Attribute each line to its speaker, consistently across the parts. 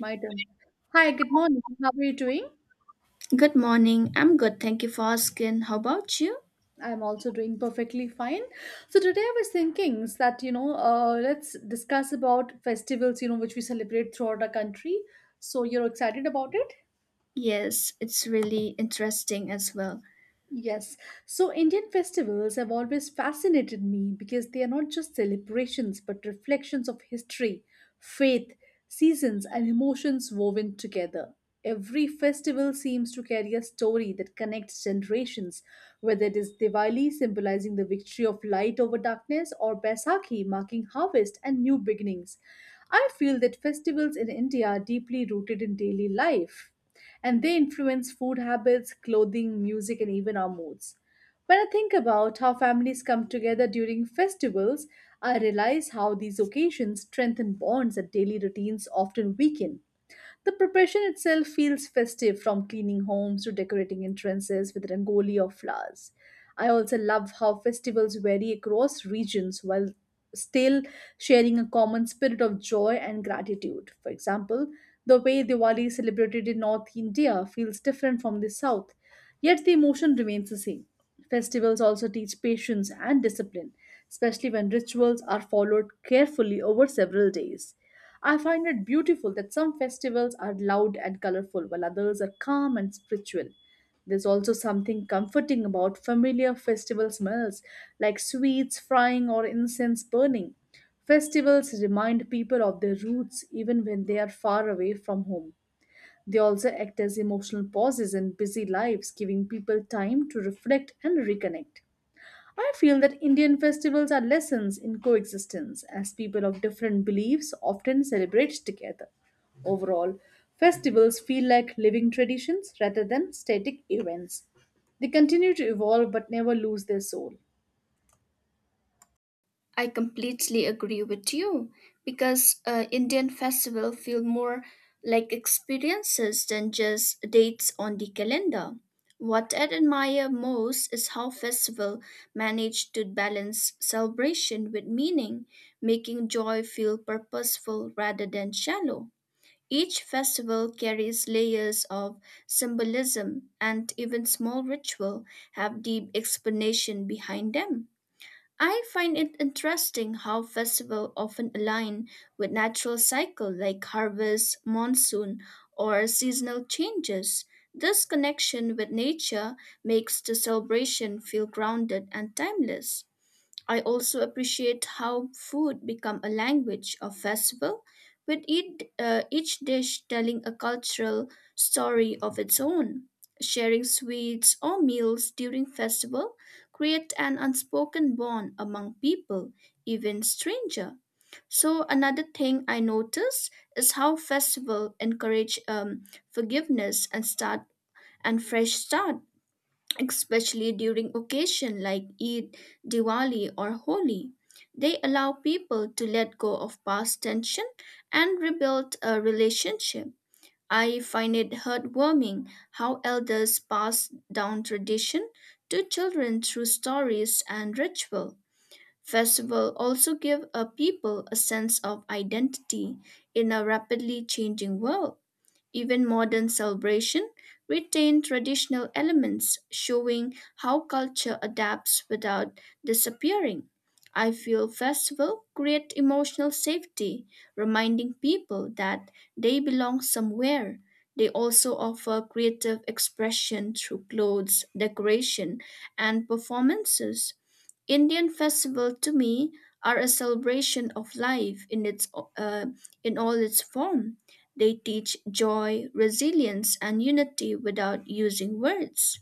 Speaker 1: My turn. Hi, good morning. How are you doing?
Speaker 2: Good morning. I'm good. Thank you for asking. How about you?
Speaker 1: I'm also doing perfectly fine. So today I was thinking that you know, let's discuss about festivals, you know, which we celebrate throughout our country. So you're excited about it?
Speaker 2: Yes, it's really interesting as well.
Speaker 1: Yes. So Indian festivals have always fascinated me because they are not just celebrations but reflections of history, faith, seasons, and emotions woven together. Every festival seems to carry a story that connects generations, whether it is Diwali symbolizing the victory of light over darkness or Baisakhi marking harvest and new beginnings. I feel that festivals in India are deeply rooted in daily life and they influence food habits, clothing, music, and even our moods. When I think about how families come together during festivals, I realize how these occasions strengthen bonds that daily routines often weaken. The preparation itself feels festive from cleaning homes to decorating entrances with rangoli or flowers. I also love how festivals vary across regions while still sharing a common spirit of joy and gratitude. For example, the way Diwali is celebrated in North India feels different from the South, yet the emotion remains the same. Festivals also teach patience and discipline, especially when rituals are followed carefully over several days. I find it beautiful that some festivals are loud and colorful while others are calm and spiritual. There's also something comforting about familiar festival smells like sweets frying or incense burning. Festivals remind people of their roots even when they are far away from home. They also act as emotional pauses in busy lives, giving people time to reflect and reconnect. I feel that Indian festivals are lessons in coexistence, as people of different beliefs often celebrate together. Overall, festivals feel like living traditions rather than static events. They continue to evolve but never lose their soul.
Speaker 2: I completely agree with you because Indian festival feel more like experiences than just dates on the calendar. What I admire most is how festival manage to balance celebration with meaning, making joy feel purposeful rather than shallow. Each festival carries layers of symbolism, and even small rituals have deep explanation behind them. I find it interesting how festivals often align with natural cycles like harvest, monsoon, or seasonal changes. This connection with nature makes the celebration feel grounded and timeless. I also appreciate how food become a language of festival, with each dish telling a cultural story of its own. Sharing sweets or meals during festival create an unspoken bond among people, even stranger. So another thing I notice is how festival encourage forgiveness and start and fresh start, especially during occasion like Eid, Diwali or Holi. They allow people to let go of past tension and rebuild a relationship. I find it heartwarming how elders pass down tradition to children through stories and ritual. Festival also give a people a sense of identity in a rapidly changing world. Even modern celebration retain traditional elements, showing how culture adapts without disappearing. I feel festival create emotional safety, reminding people that they belong somewhere. They also offer creative expression through clothes, decoration, and performances. Indian festival to me are a celebration of life uh, in all its form. They teach joy, resilience, and unity without using words.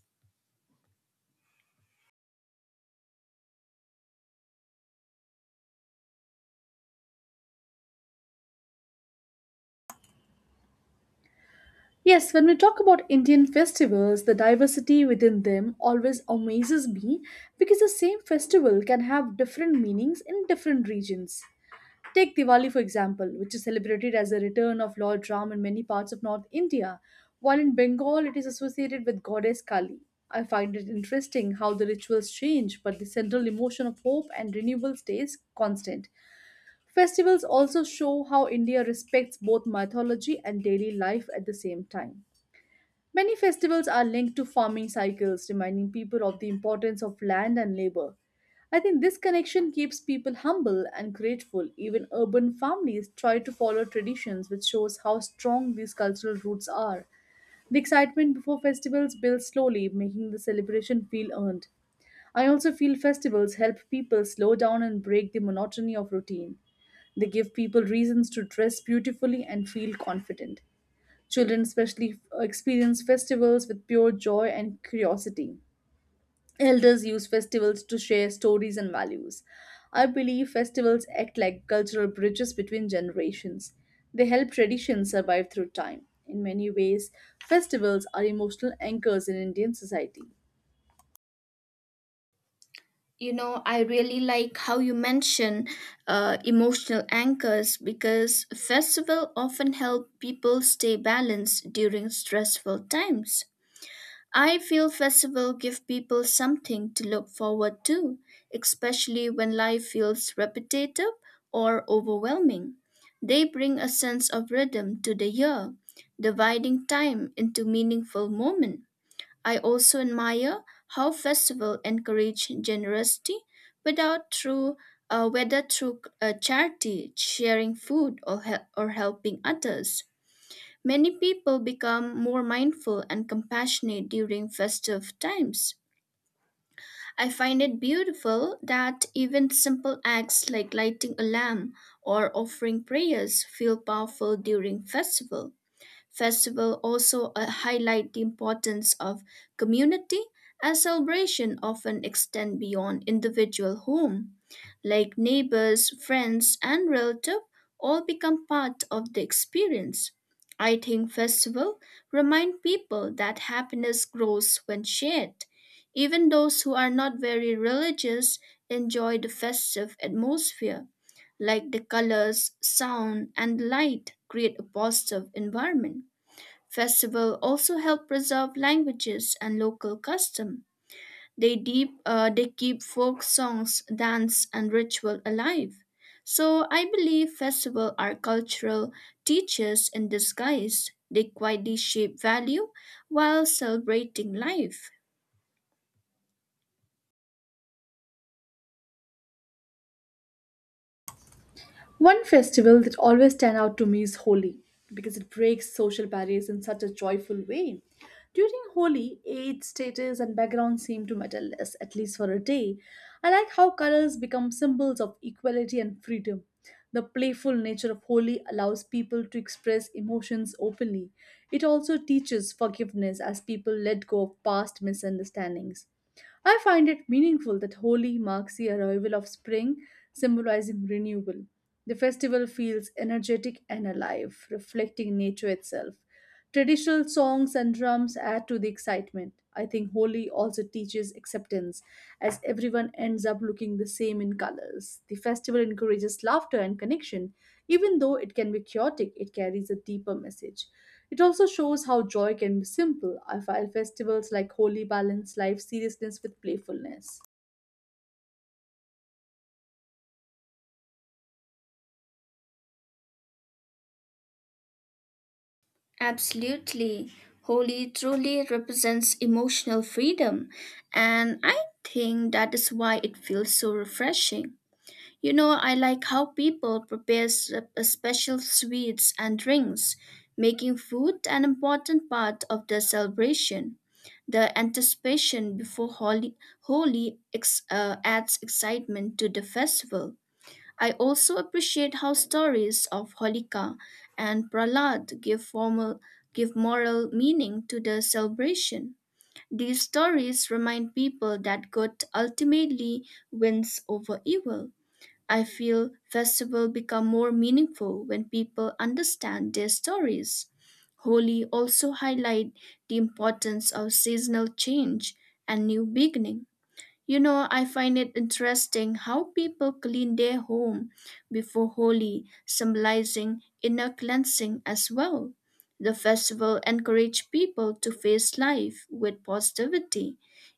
Speaker 1: Yes, when we talk about Indian festivals, the diversity within them always amazes me because the same festival can have different meanings in different regions. Take Diwali, for example, which is celebrated as the return of Lord Ram in many parts of North India, while in Bengal it is associated with goddess Kali. I find it interesting how the rituals change, but the central emotion of hope and renewal stays constant. Festivals also show how India respects both mythology and daily life at the same time. Many festivals are linked to farming cycles, reminding people of the importance of land and labor. I think this connection keeps people humble and grateful. Even urban families try to follow traditions, which shows how strong these cultural roots are. The excitement before festivals builds slowly, making the celebration feel earned. I also feel festivals help people slow down and break the monotony of routine. They give people reasons to dress beautifully and feel confident. Children, especially, experience festivals with pure joy and curiosity. Elders use festivals to share stories and values. I believe festivals act like cultural bridges between generations. They help traditions survive through time. In many ways, festivals are emotional anchors in Indian society.
Speaker 2: You know, I really like how you mention emotional anchors, because festival often help people stay balanced during stressful times. I feel festivals give people something to look forward to, especially when life feels repetitive or overwhelming. They bring a sense of rhythm to the year, dividing time into meaningful moments. I also admire how festivals encourage generosity without through whether through charity, sharing food, or, helping others. Many people become more mindful and compassionate during festive times. I find it beautiful that even simple acts like lighting a lamp or offering prayers feel powerful during festival. Festival also highlight the importance of community, as celebration often extend beyond individual home, like neighbors, friends, and relative all become part of the experience. I think festival remind people that happiness grows when shared. Even those who are not very religious enjoy the festive atmosphere, like the colors, sound, and light create a positive environment. Festival also help preserve languages and local custom. They keep folk songs, dance, and ritual alive. So I believe festivals are cultural teachers in disguise. They quietly shape value while celebrating life.
Speaker 1: One festival that always stands out to me is Holi because it breaks social barriers in such a joyful way. During Holi, age, status, and background seem to matter less, at least for a day. I like how colors become symbols of equality and freedom. The playful nature of Holi allows people to express emotions openly. It also teaches forgiveness as people let go of past misunderstandings. I find it meaningful that Holi marks the arrival of spring, symbolizing renewal. The festival feels energetic and alive, reflecting nature itself. Traditional songs and drums add to the excitement. I think Holi also teaches acceptance, as everyone ends up looking the same in colors. The festival encourages laughter and connection. Even though it can be chaotic, it carries a deeper message. It also shows how joy can be simple. I feel festivals like Holy balance life seriousness with playfulness.
Speaker 2: Absolutely. Holy truly represents emotional freedom, and I think that is why it feels so refreshing. You know, I like how people prepare special sweets and drinks, making food an important part of the celebration. The anticipation before Holi, adds excitement to the festival. I also appreciate how stories of Holika and Prahlad give moral meaning to the celebration. These stories remind people that good ultimately wins over evil. I feel festivals become more meaningful when people understand their stories. Holi also highlight the importance of seasonal change and new beginning. You know, I find it interesting how people clean their home before Holi, symbolizing inner cleansing as well. The festival encouraged people to face life with positivity.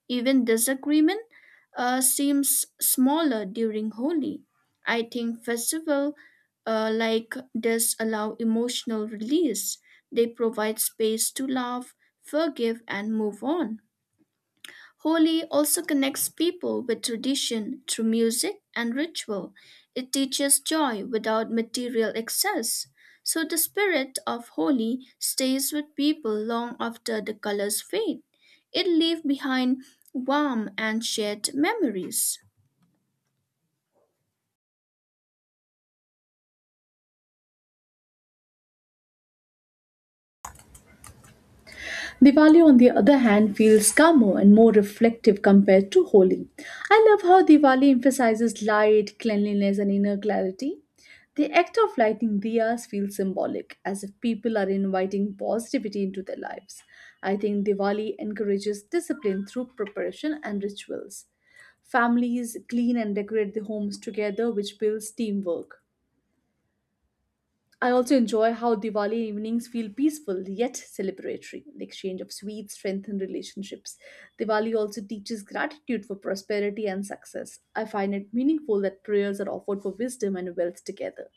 Speaker 2: Even disagreement seems smaller during Holi. I think festival like this allow emotional release. They provide space to love, forgive, and move on. Holi also connects people with tradition through music and ritual. It teaches joy without material excess. So the spirit of Holi stays with people long after the colors fade. It leaves behind warm and shared memories.
Speaker 1: Diwali, on the other hand, feels calmer and more reflective compared to Holi. I love how Diwali emphasizes light, cleanliness, and inner clarity. The act of lighting diyas feels symbolic, as if people are inviting positivity into their lives. I think Diwali encourages discipline through preparation and rituals. Families clean and decorate the homes together, which builds teamwork. I also enjoy how Diwali evenings feel peaceful yet celebratory. The exchange of sweets strengthens relationships. Diwali also teaches gratitude for prosperity and success. I find it meaningful that prayers are offered for wisdom and wealth together.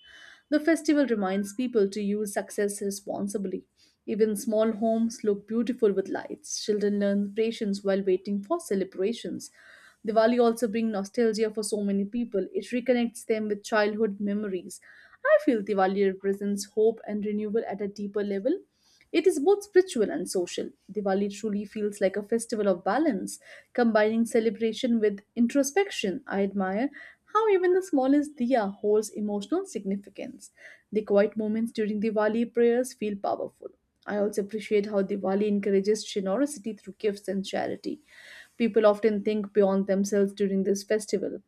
Speaker 1: The festival reminds people to use success responsibly. Even small homes look beautiful with lights. Children learn patience while waiting for celebrations. Diwali also brings nostalgia for so many people. It reconnects them with childhood memories. I feel Diwali represents hope and renewal at a deeper level. It is both spiritual and social. Diwali truly feels like a festival of balance, combining celebration with introspection. I admire how even the smallest diya holds emotional significance. The quiet moments during Diwali prayers feel powerful. I also appreciate how Diwali encourages generosity through gifts and charity. People often think beyond themselves during this festival.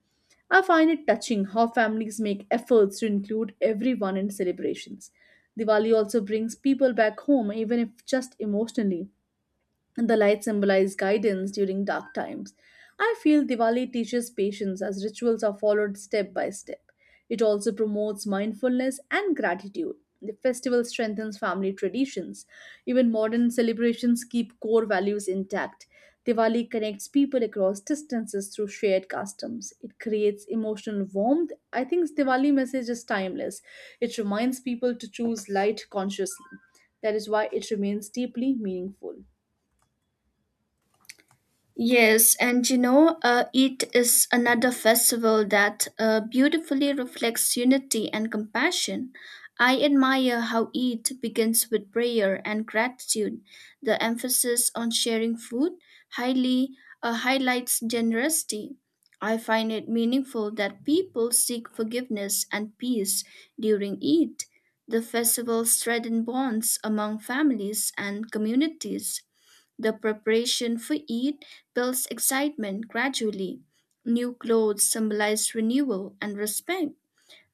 Speaker 1: I find it touching how families make efforts to include everyone in celebrations. Diwali also brings people back home, even if just emotionally, and the light symbolize guidance during dark times. I feel Diwali teaches patience as rituals are followed step by step. It also promotes mindfulness and gratitude. The festival strengthens family traditions. Even modern celebrations keep core values intact. Diwali connects people across distances through shared customs. It creates emotional warmth. I think Diwali message is timeless. It reminds people to choose light consciously. That is why it remains deeply meaningful.
Speaker 2: Yes, and you know, it is another festival that beautifully reflects unity and compassion. I admire how Eid begins with prayer and gratitude. The emphasis on sharing food highly highlights generosity. I find it meaningful that people seek forgiveness and peace during Eid. The festival strengthens bonds among families and communities. The preparation for Eid builds excitement gradually. New clothes symbolize renewal and respect.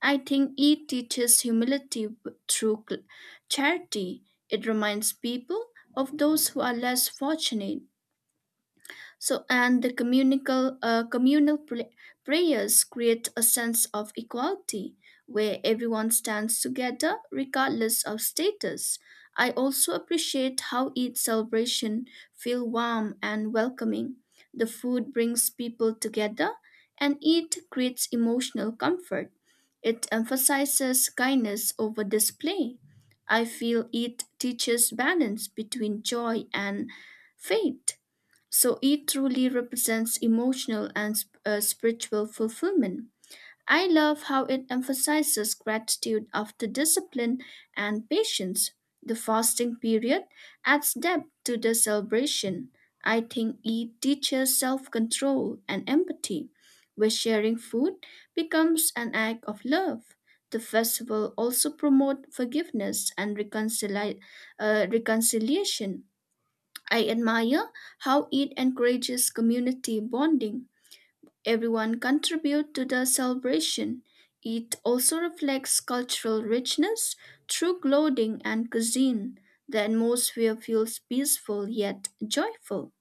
Speaker 2: I think Eid teaches humility through charity. It reminds people of those who are less fortunate. So, and the communal prayers create a sense of equality where everyone stands together regardless of status. I also appreciate how each celebration feels warm and welcoming. The food brings people together and it creates emotional comfort. It emphasizes kindness over display. I feel it teaches balance between joy and faith. So it truly represents emotional and spiritual fulfillment. I love how it emphasizes gratitude after discipline and patience. The fasting period adds depth to the celebration. I think it teaches self control and empathy, where sharing food becomes an act of love. The festival also promotes forgiveness and reconciliation. I admire how it encourages community bonding. Everyone contributes to the celebration. It also reflects cultural richness through clothing and cuisine. The atmosphere feels peaceful yet joyful.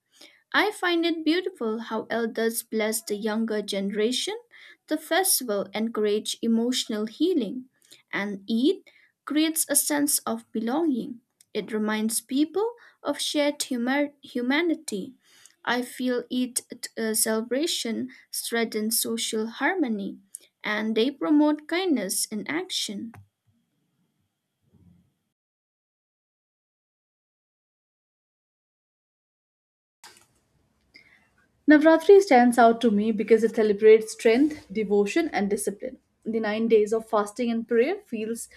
Speaker 2: I find it beautiful how elders bless the younger generation. The festival encourages emotional healing, and Eid creates a sense of belonging. It reminds people of shared humanity. I feel Eid celebration strengthens social harmony, and they promote kindness in action.
Speaker 1: Navratri stands out to me because it celebrates strength, devotion, and discipline. The 9 days of fasting and prayer feels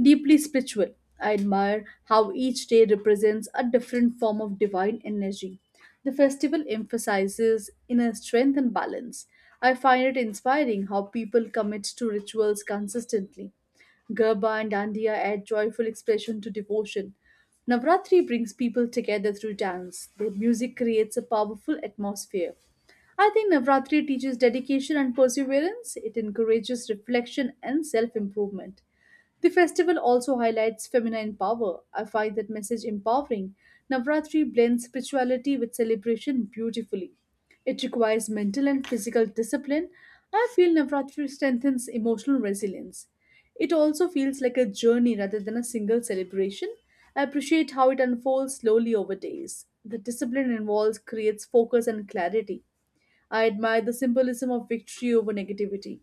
Speaker 1: deeply spiritual. I admire how each day represents a different form of divine energy. The festival emphasizes inner strength and balance. I find it inspiring how people commit to rituals consistently. Gerba and Dandiya add joyful expression to devotion. Navratri brings people together through dance. The music creates a powerful atmosphere. I think Navratri teaches dedication and perseverance. It encourages reflection and self improvement. The festival also highlights feminine power. I find that message empowering. Navratri blends spirituality with celebration beautifully. It requires mental and physical discipline. I feel Navratri strengthens emotional resilience. It also feels like a journey rather than a single celebration. I appreciate how it unfolds slowly over days. The discipline involved creates focus and clarity. I admire the symbolism of victory over negativity.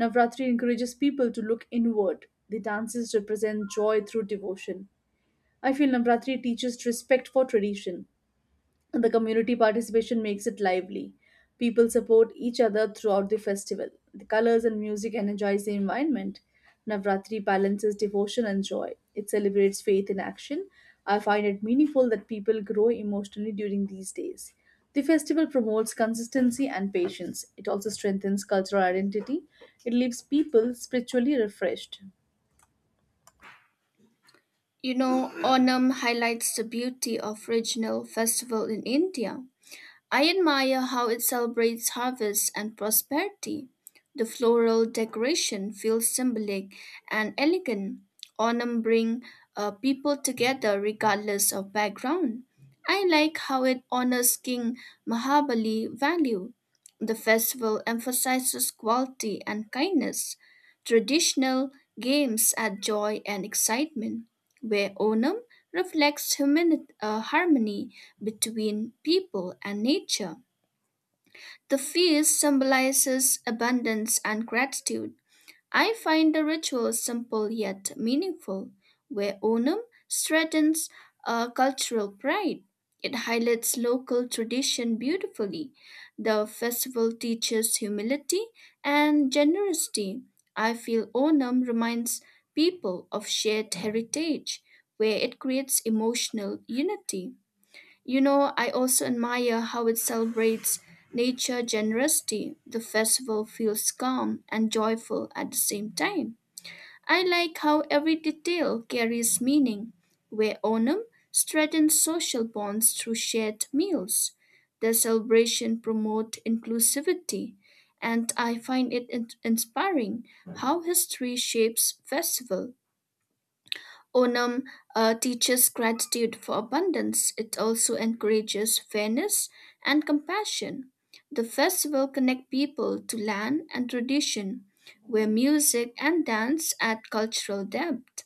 Speaker 1: Navratri encourages people to look inward. The dances represent joy through devotion. I feel Navratri teaches respect for tradition, and the community participation makes it lively. People support each other throughout the festival. The colors and music energize the environment. Navratri balances devotion and joy. It celebrates faith in action. I find it meaningful that people grow emotionally during these days. The festival promotes consistency and patience. It also strengthens cultural identity. It leaves people spiritually refreshed.
Speaker 2: You know, Onam highlights the beauty of regional festival in India. I admire how it celebrates harvest and prosperity. The floral decoration feels symbolic and elegant. Autumn bring people together regardless of background. I like how it honors King Mahabali value. The festival emphasizes quality and kindness. Traditional games add joy and excitement, where Onam reflects harmony between people and nature. The feast symbolizes abundance and gratitude. I find the ritual simple yet meaningful, where Onam strengthens cultural pride. It highlights local tradition beautifully. The festival teaches humility and generosity. I feel Onam reminds people of shared heritage, where it creates emotional unity. You know, I also admire how it celebrates nature generosity. The festival feels calm and joyful at the same time. I like how every detail carries meaning, where Onam strengthens social bonds through shared meals. The celebration promotes inclusivity, and I find it inspiring how history shapes festival. Onam teaches gratitude for abundance. It also encourages fairness and compassion. The festival connect people to land and tradition, where music and dance add cultural depth.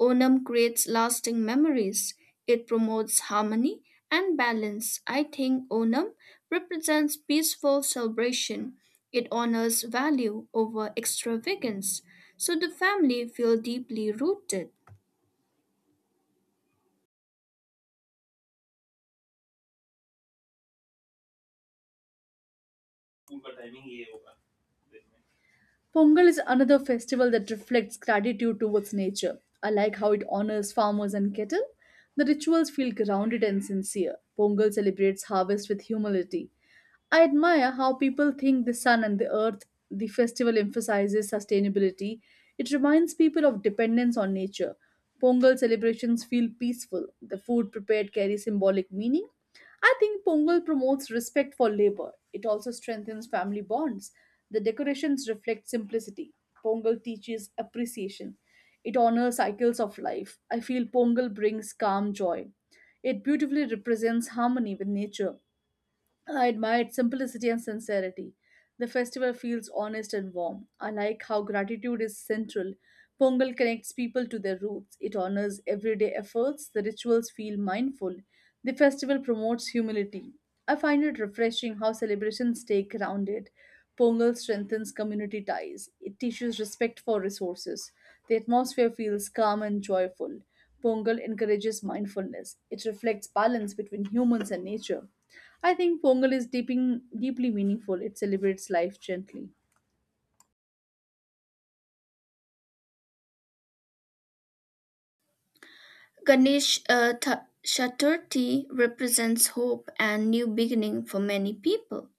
Speaker 2: Onam creates lasting memories. It promotes harmony and balance. I think Onam represents peaceful celebration. It honors value over extravagance, so the family feel deeply rooted.
Speaker 1: Pongal is another festival that reflects gratitude towards nature. I like how it honors farmers and cattle. The rituals feel grounded and sincere. Pongal celebrates harvest with humility. I admire how people think the sun and the earth. The festival emphasizes sustainability. It reminds people of dependence on nature. Pongal celebrations feel peaceful. The food prepared carries symbolic meaning. I think Pongal promotes respect for labor. It also strengthens family bonds. The decorations reflect simplicity. Pongal teaches appreciation. It honors cycles of life. I feel Pongal brings calm joy. It beautifully represents harmony with nature. I admire its simplicity and sincerity. The festival feels honest and warm. I like how gratitude is central. Pongal connects people to their roots. It honors everyday efforts. The rituals feel mindful. The festival promotes humility. I find it refreshing how celebrations stay grounded. Pongal strengthens community ties. It teaches respect for resources. The atmosphere feels calm and joyful. Pongal encourages mindfulness. It reflects balance between humans and nature. I think Pongal is deeply meaningful. It celebrates life gently.
Speaker 2: Ganesh uh, Th- Chaturthi represents hope and new beginning for many people.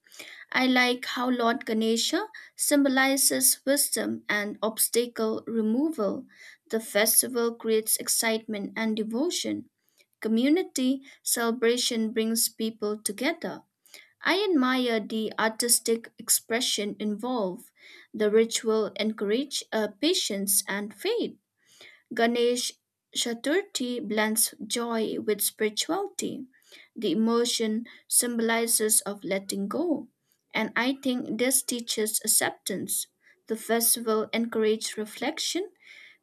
Speaker 2: I like how Lord Ganesha symbolizes wisdom and obstacle removal. The festival creates excitement and devotion. Community celebration brings people together. I admire the artistic expression involved. The ritual encourage patience and faith. Ganesh Chaturthi blends joy with spirituality, the emotion symbolizes of letting go, and I think this teaches acceptance. The festival encourages reflection,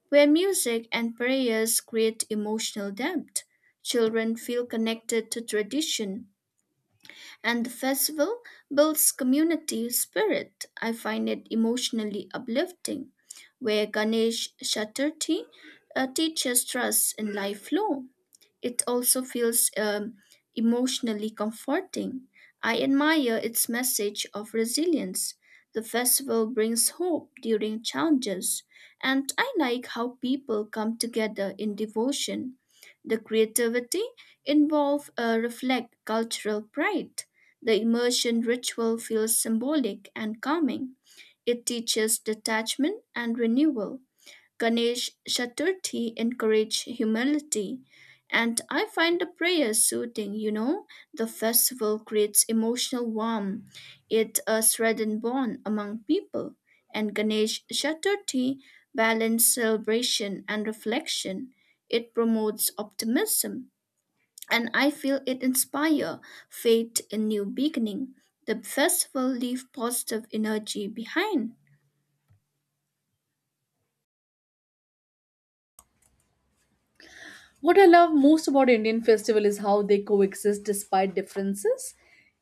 Speaker 2: where music and prayers create emotional depth. Children feel connected to tradition and the festival builds community spirit. I find it emotionally uplifting, where Ganesh Chaturthi teaches trust in life flow. It also feels emotionally comforting. I admire its message of resilience. The festival brings hope during challenges, and I like how people come together in devotion. The creativity involved reflect cultural pride. The immersion ritual feels symbolic and calming. It teaches detachment and renewal. Ganesh Chaturthi encourage humility, and I find the prayer soothing. The festival creates emotional warmth. It a threatened bond among people. And Ganesh Chaturthi balances celebration and reflection. It promotes optimism. And I feel it inspires faith in new beginning. The festival leaves positive energy behind.
Speaker 1: What I love most about Indian festival is how they coexist despite differences.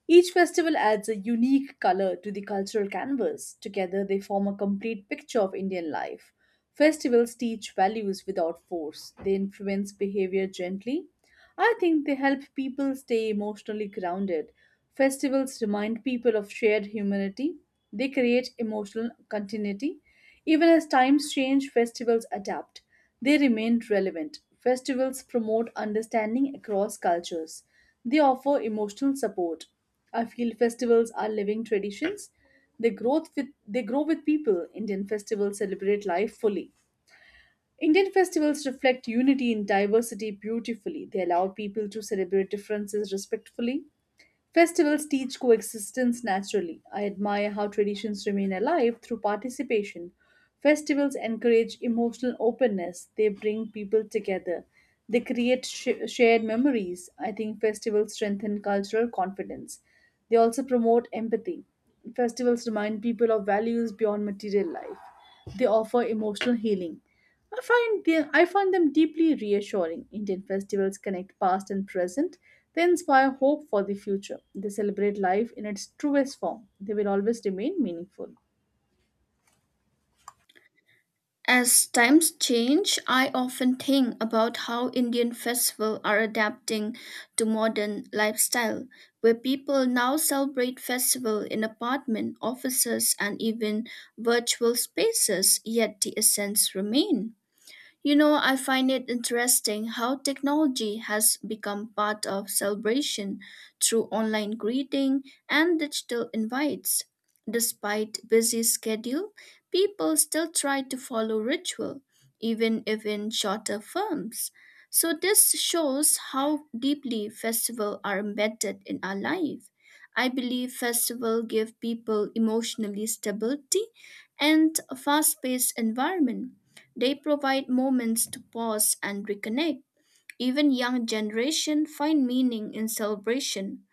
Speaker 1: Each festival adds a unique color to the cultural canvas. Together, they form a complete picture of Indian life. Festivals teach values without force, they influence behavior gently. I think they help people stay emotionally grounded. Festivals remind people of shared humanity, they create emotional continuity. Even as times change, festivals adapt. They remain relevant. Festivals promote understanding across cultures. They offer emotional support. I feel festivals are living traditions. They grow with people. Indian festivals celebrate life fully. Indian festivals reflect unity in diversity beautifully. They allow people to celebrate differences respectfully. Festivals teach coexistence naturally. I admire how traditions remain alive through participation. Festivals encourage emotional openness, they bring people together, they create shared memories. I think festivals strengthen cultural confidence. They also promote empathy. Festivals remind people of values beyond material life. They offer emotional healing. I find them deeply reassuring. Indian festivals connect past and present. They inspire hope for the future. They celebrate life in its truest form. They will always remain meaningful.
Speaker 2: As times change, I often think about how Indian festivals are adapting to modern lifestyle, where people now celebrate festivals in apartment, offices, and even virtual spaces, yet the essence remain. You know, I find it interesting how technology has become part of celebration through online greeting and digital invites. Despite busy schedule, people still try to follow ritual, even if in shorter forms. So this shows how deeply festivals are embedded in our life. I believe festival give people emotionally stability and a fast-paced environment, they provide moments to pause and reconnect. Even young generation find meaning in celebration.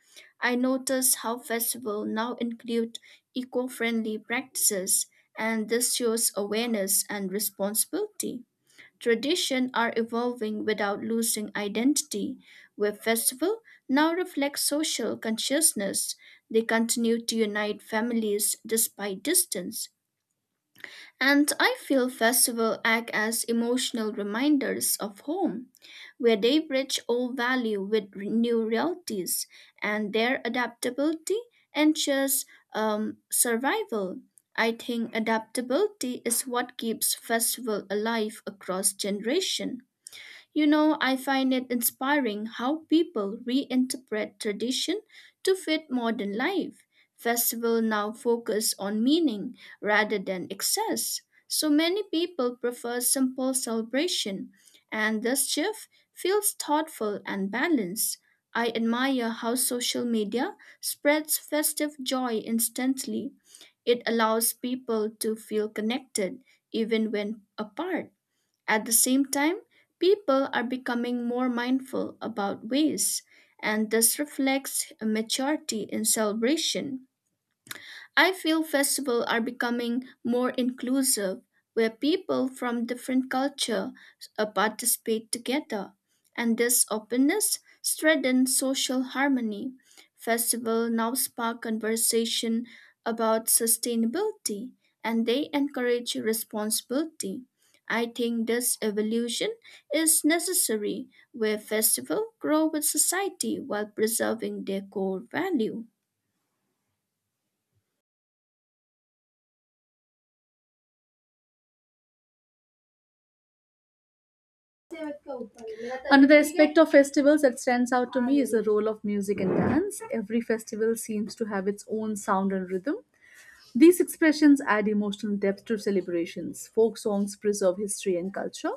Speaker 2: I notice how festivals now include eco-friendly practices, and this shows awareness and responsibility. Tradition are evolving without losing identity. Where festival now reflect social consciousness. They continue to unite families despite distance. And I feel festivals act as emotional reminders of home, where they bridge old value with new realities, and their adaptability ensures survival. I think adaptability is what keeps festival alive across generation. You know, I find it inspiring how people reinterpret tradition to fit modern life. Festivals now focus on meaning rather than excess. So many people prefer simple celebration, and this shift feels thoughtful and balanced. I admire how social media spreads festive joy instantly. It allows people to feel connected even when apart. At the same time, people are becoming more mindful about waste, and this reflects a maturity in celebration. I feel festivals are becoming more inclusive, where people from different cultures participate together, and this openness strengthens social harmony. Festivals now spark conversation about sustainability, and they encourage responsibility. I think this evolution is necessary, where festivals grow with society while preserving their core value.
Speaker 1: Another aspect of festivals that stands out to me is the role of music and dance. Every festival seems to have its own sound and rhythm. These expressions add emotional depth to celebrations. Folk songs preserve history and culture.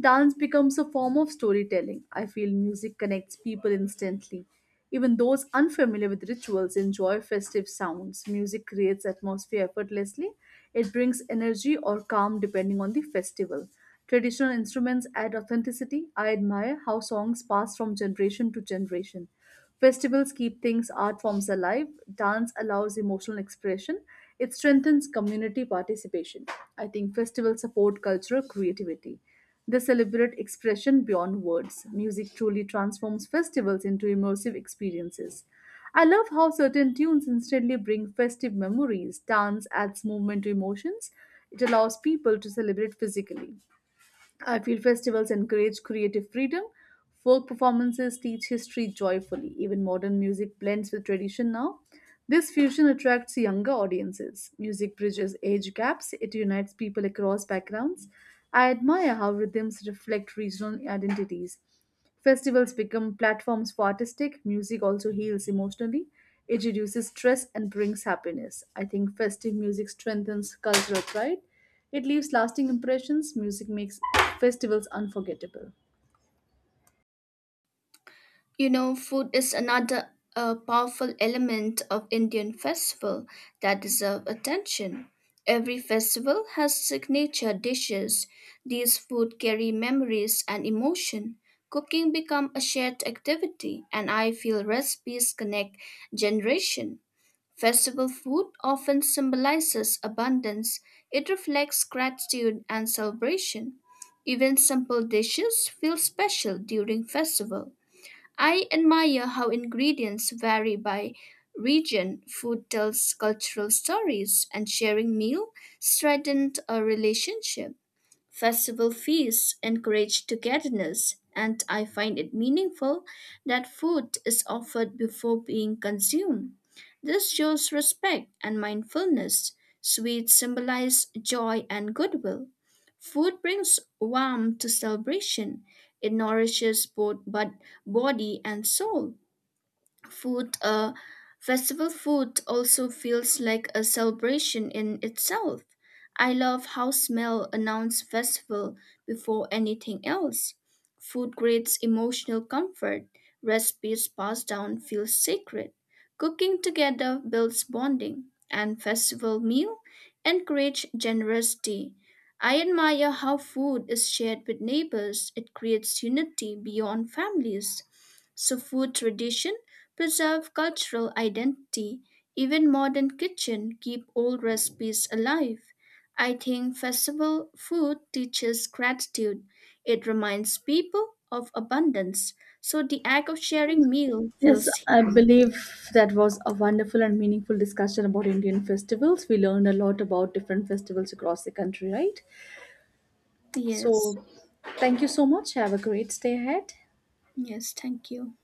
Speaker 1: Dance becomes a form of storytelling. I feel music connects people instantly. Even those unfamiliar with rituals enjoy festive sounds. Music creates atmosphere effortlessly. It brings energy or calm depending on the festival. Traditional instruments add authenticity. I admire how songs pass from generation to generation. Festivals keep things art forms alive. Dance allows emotional expression. It strengthens community participation. I think festivals support cultural creativity. They celebrate expression beyond words. Music truly transforms festivals into immersive experiences. I love how certain tunes instantly bring festive memories. Dance adds movement to emotions. It allows people to celebrate physically. I feel festivals encourage creative freedom. Folk performances teach history joyfully. Even modern music blends with tradition now. This fusion attracts younger audiences. Music bridges age gaps, it unites people across backgrounds. I admire how rhythms reflect regional identities. Festivals become platforms for artistic music also heals emotionally. It reduces stress and brings happiness. I think festive music strengthens cultural pride. It leaves lasting impressions. Music makes festivals unforgettable.
Speaker 2: You know, food is another powerful element of Indian festival that deserve attention. Every festival has signature dishes. These food carry memories and emotion. Cooking become a shared activity, and I feel recipes connect generation. Festival food often symbolizes abundance. It reflects gratitude and celebration. Even simple dishes feel special during festival. I admire how ingredients vary by region. Food tells cultural stories, and sharing meal strengthened a relationship. Festival feasts encourage togetherness, and I find it meaningful that food is offered before being consumed. This shows respect and mindfulness. Sweets symbolize joy and goodwill. Food brings warmth to celebration. It nourishes both body and soul. Food, uh, festival food also feels like a celebration in itself. I love how smell announce festival before anything else. Food creates emotional comfort. Recipes passed down feel sacred. Cooking together builds bonding, and festival meal encourage generosity. I admire how food is shared with neighbors. It creates unity beyond families. So food tradition preserve cultural identity. Even modern kitchen keep old recipes alive. I think festival food teaches gratitude. It reminds people of abundance. So the act of sharing meal
Speaker 1: Yes,
Speaker 2: feels
Speaker 1: I
Speaker 2: healing.
Speaker 1: believe that was a wonderful and meaningful discussion about Indian festivals. We learned a lot about different festivals across the country, right?
Speaker 2: Yes.
Speaker 1: So, thank you so much. Have a great stay ahead.
Speaker 2: Yes, thank you.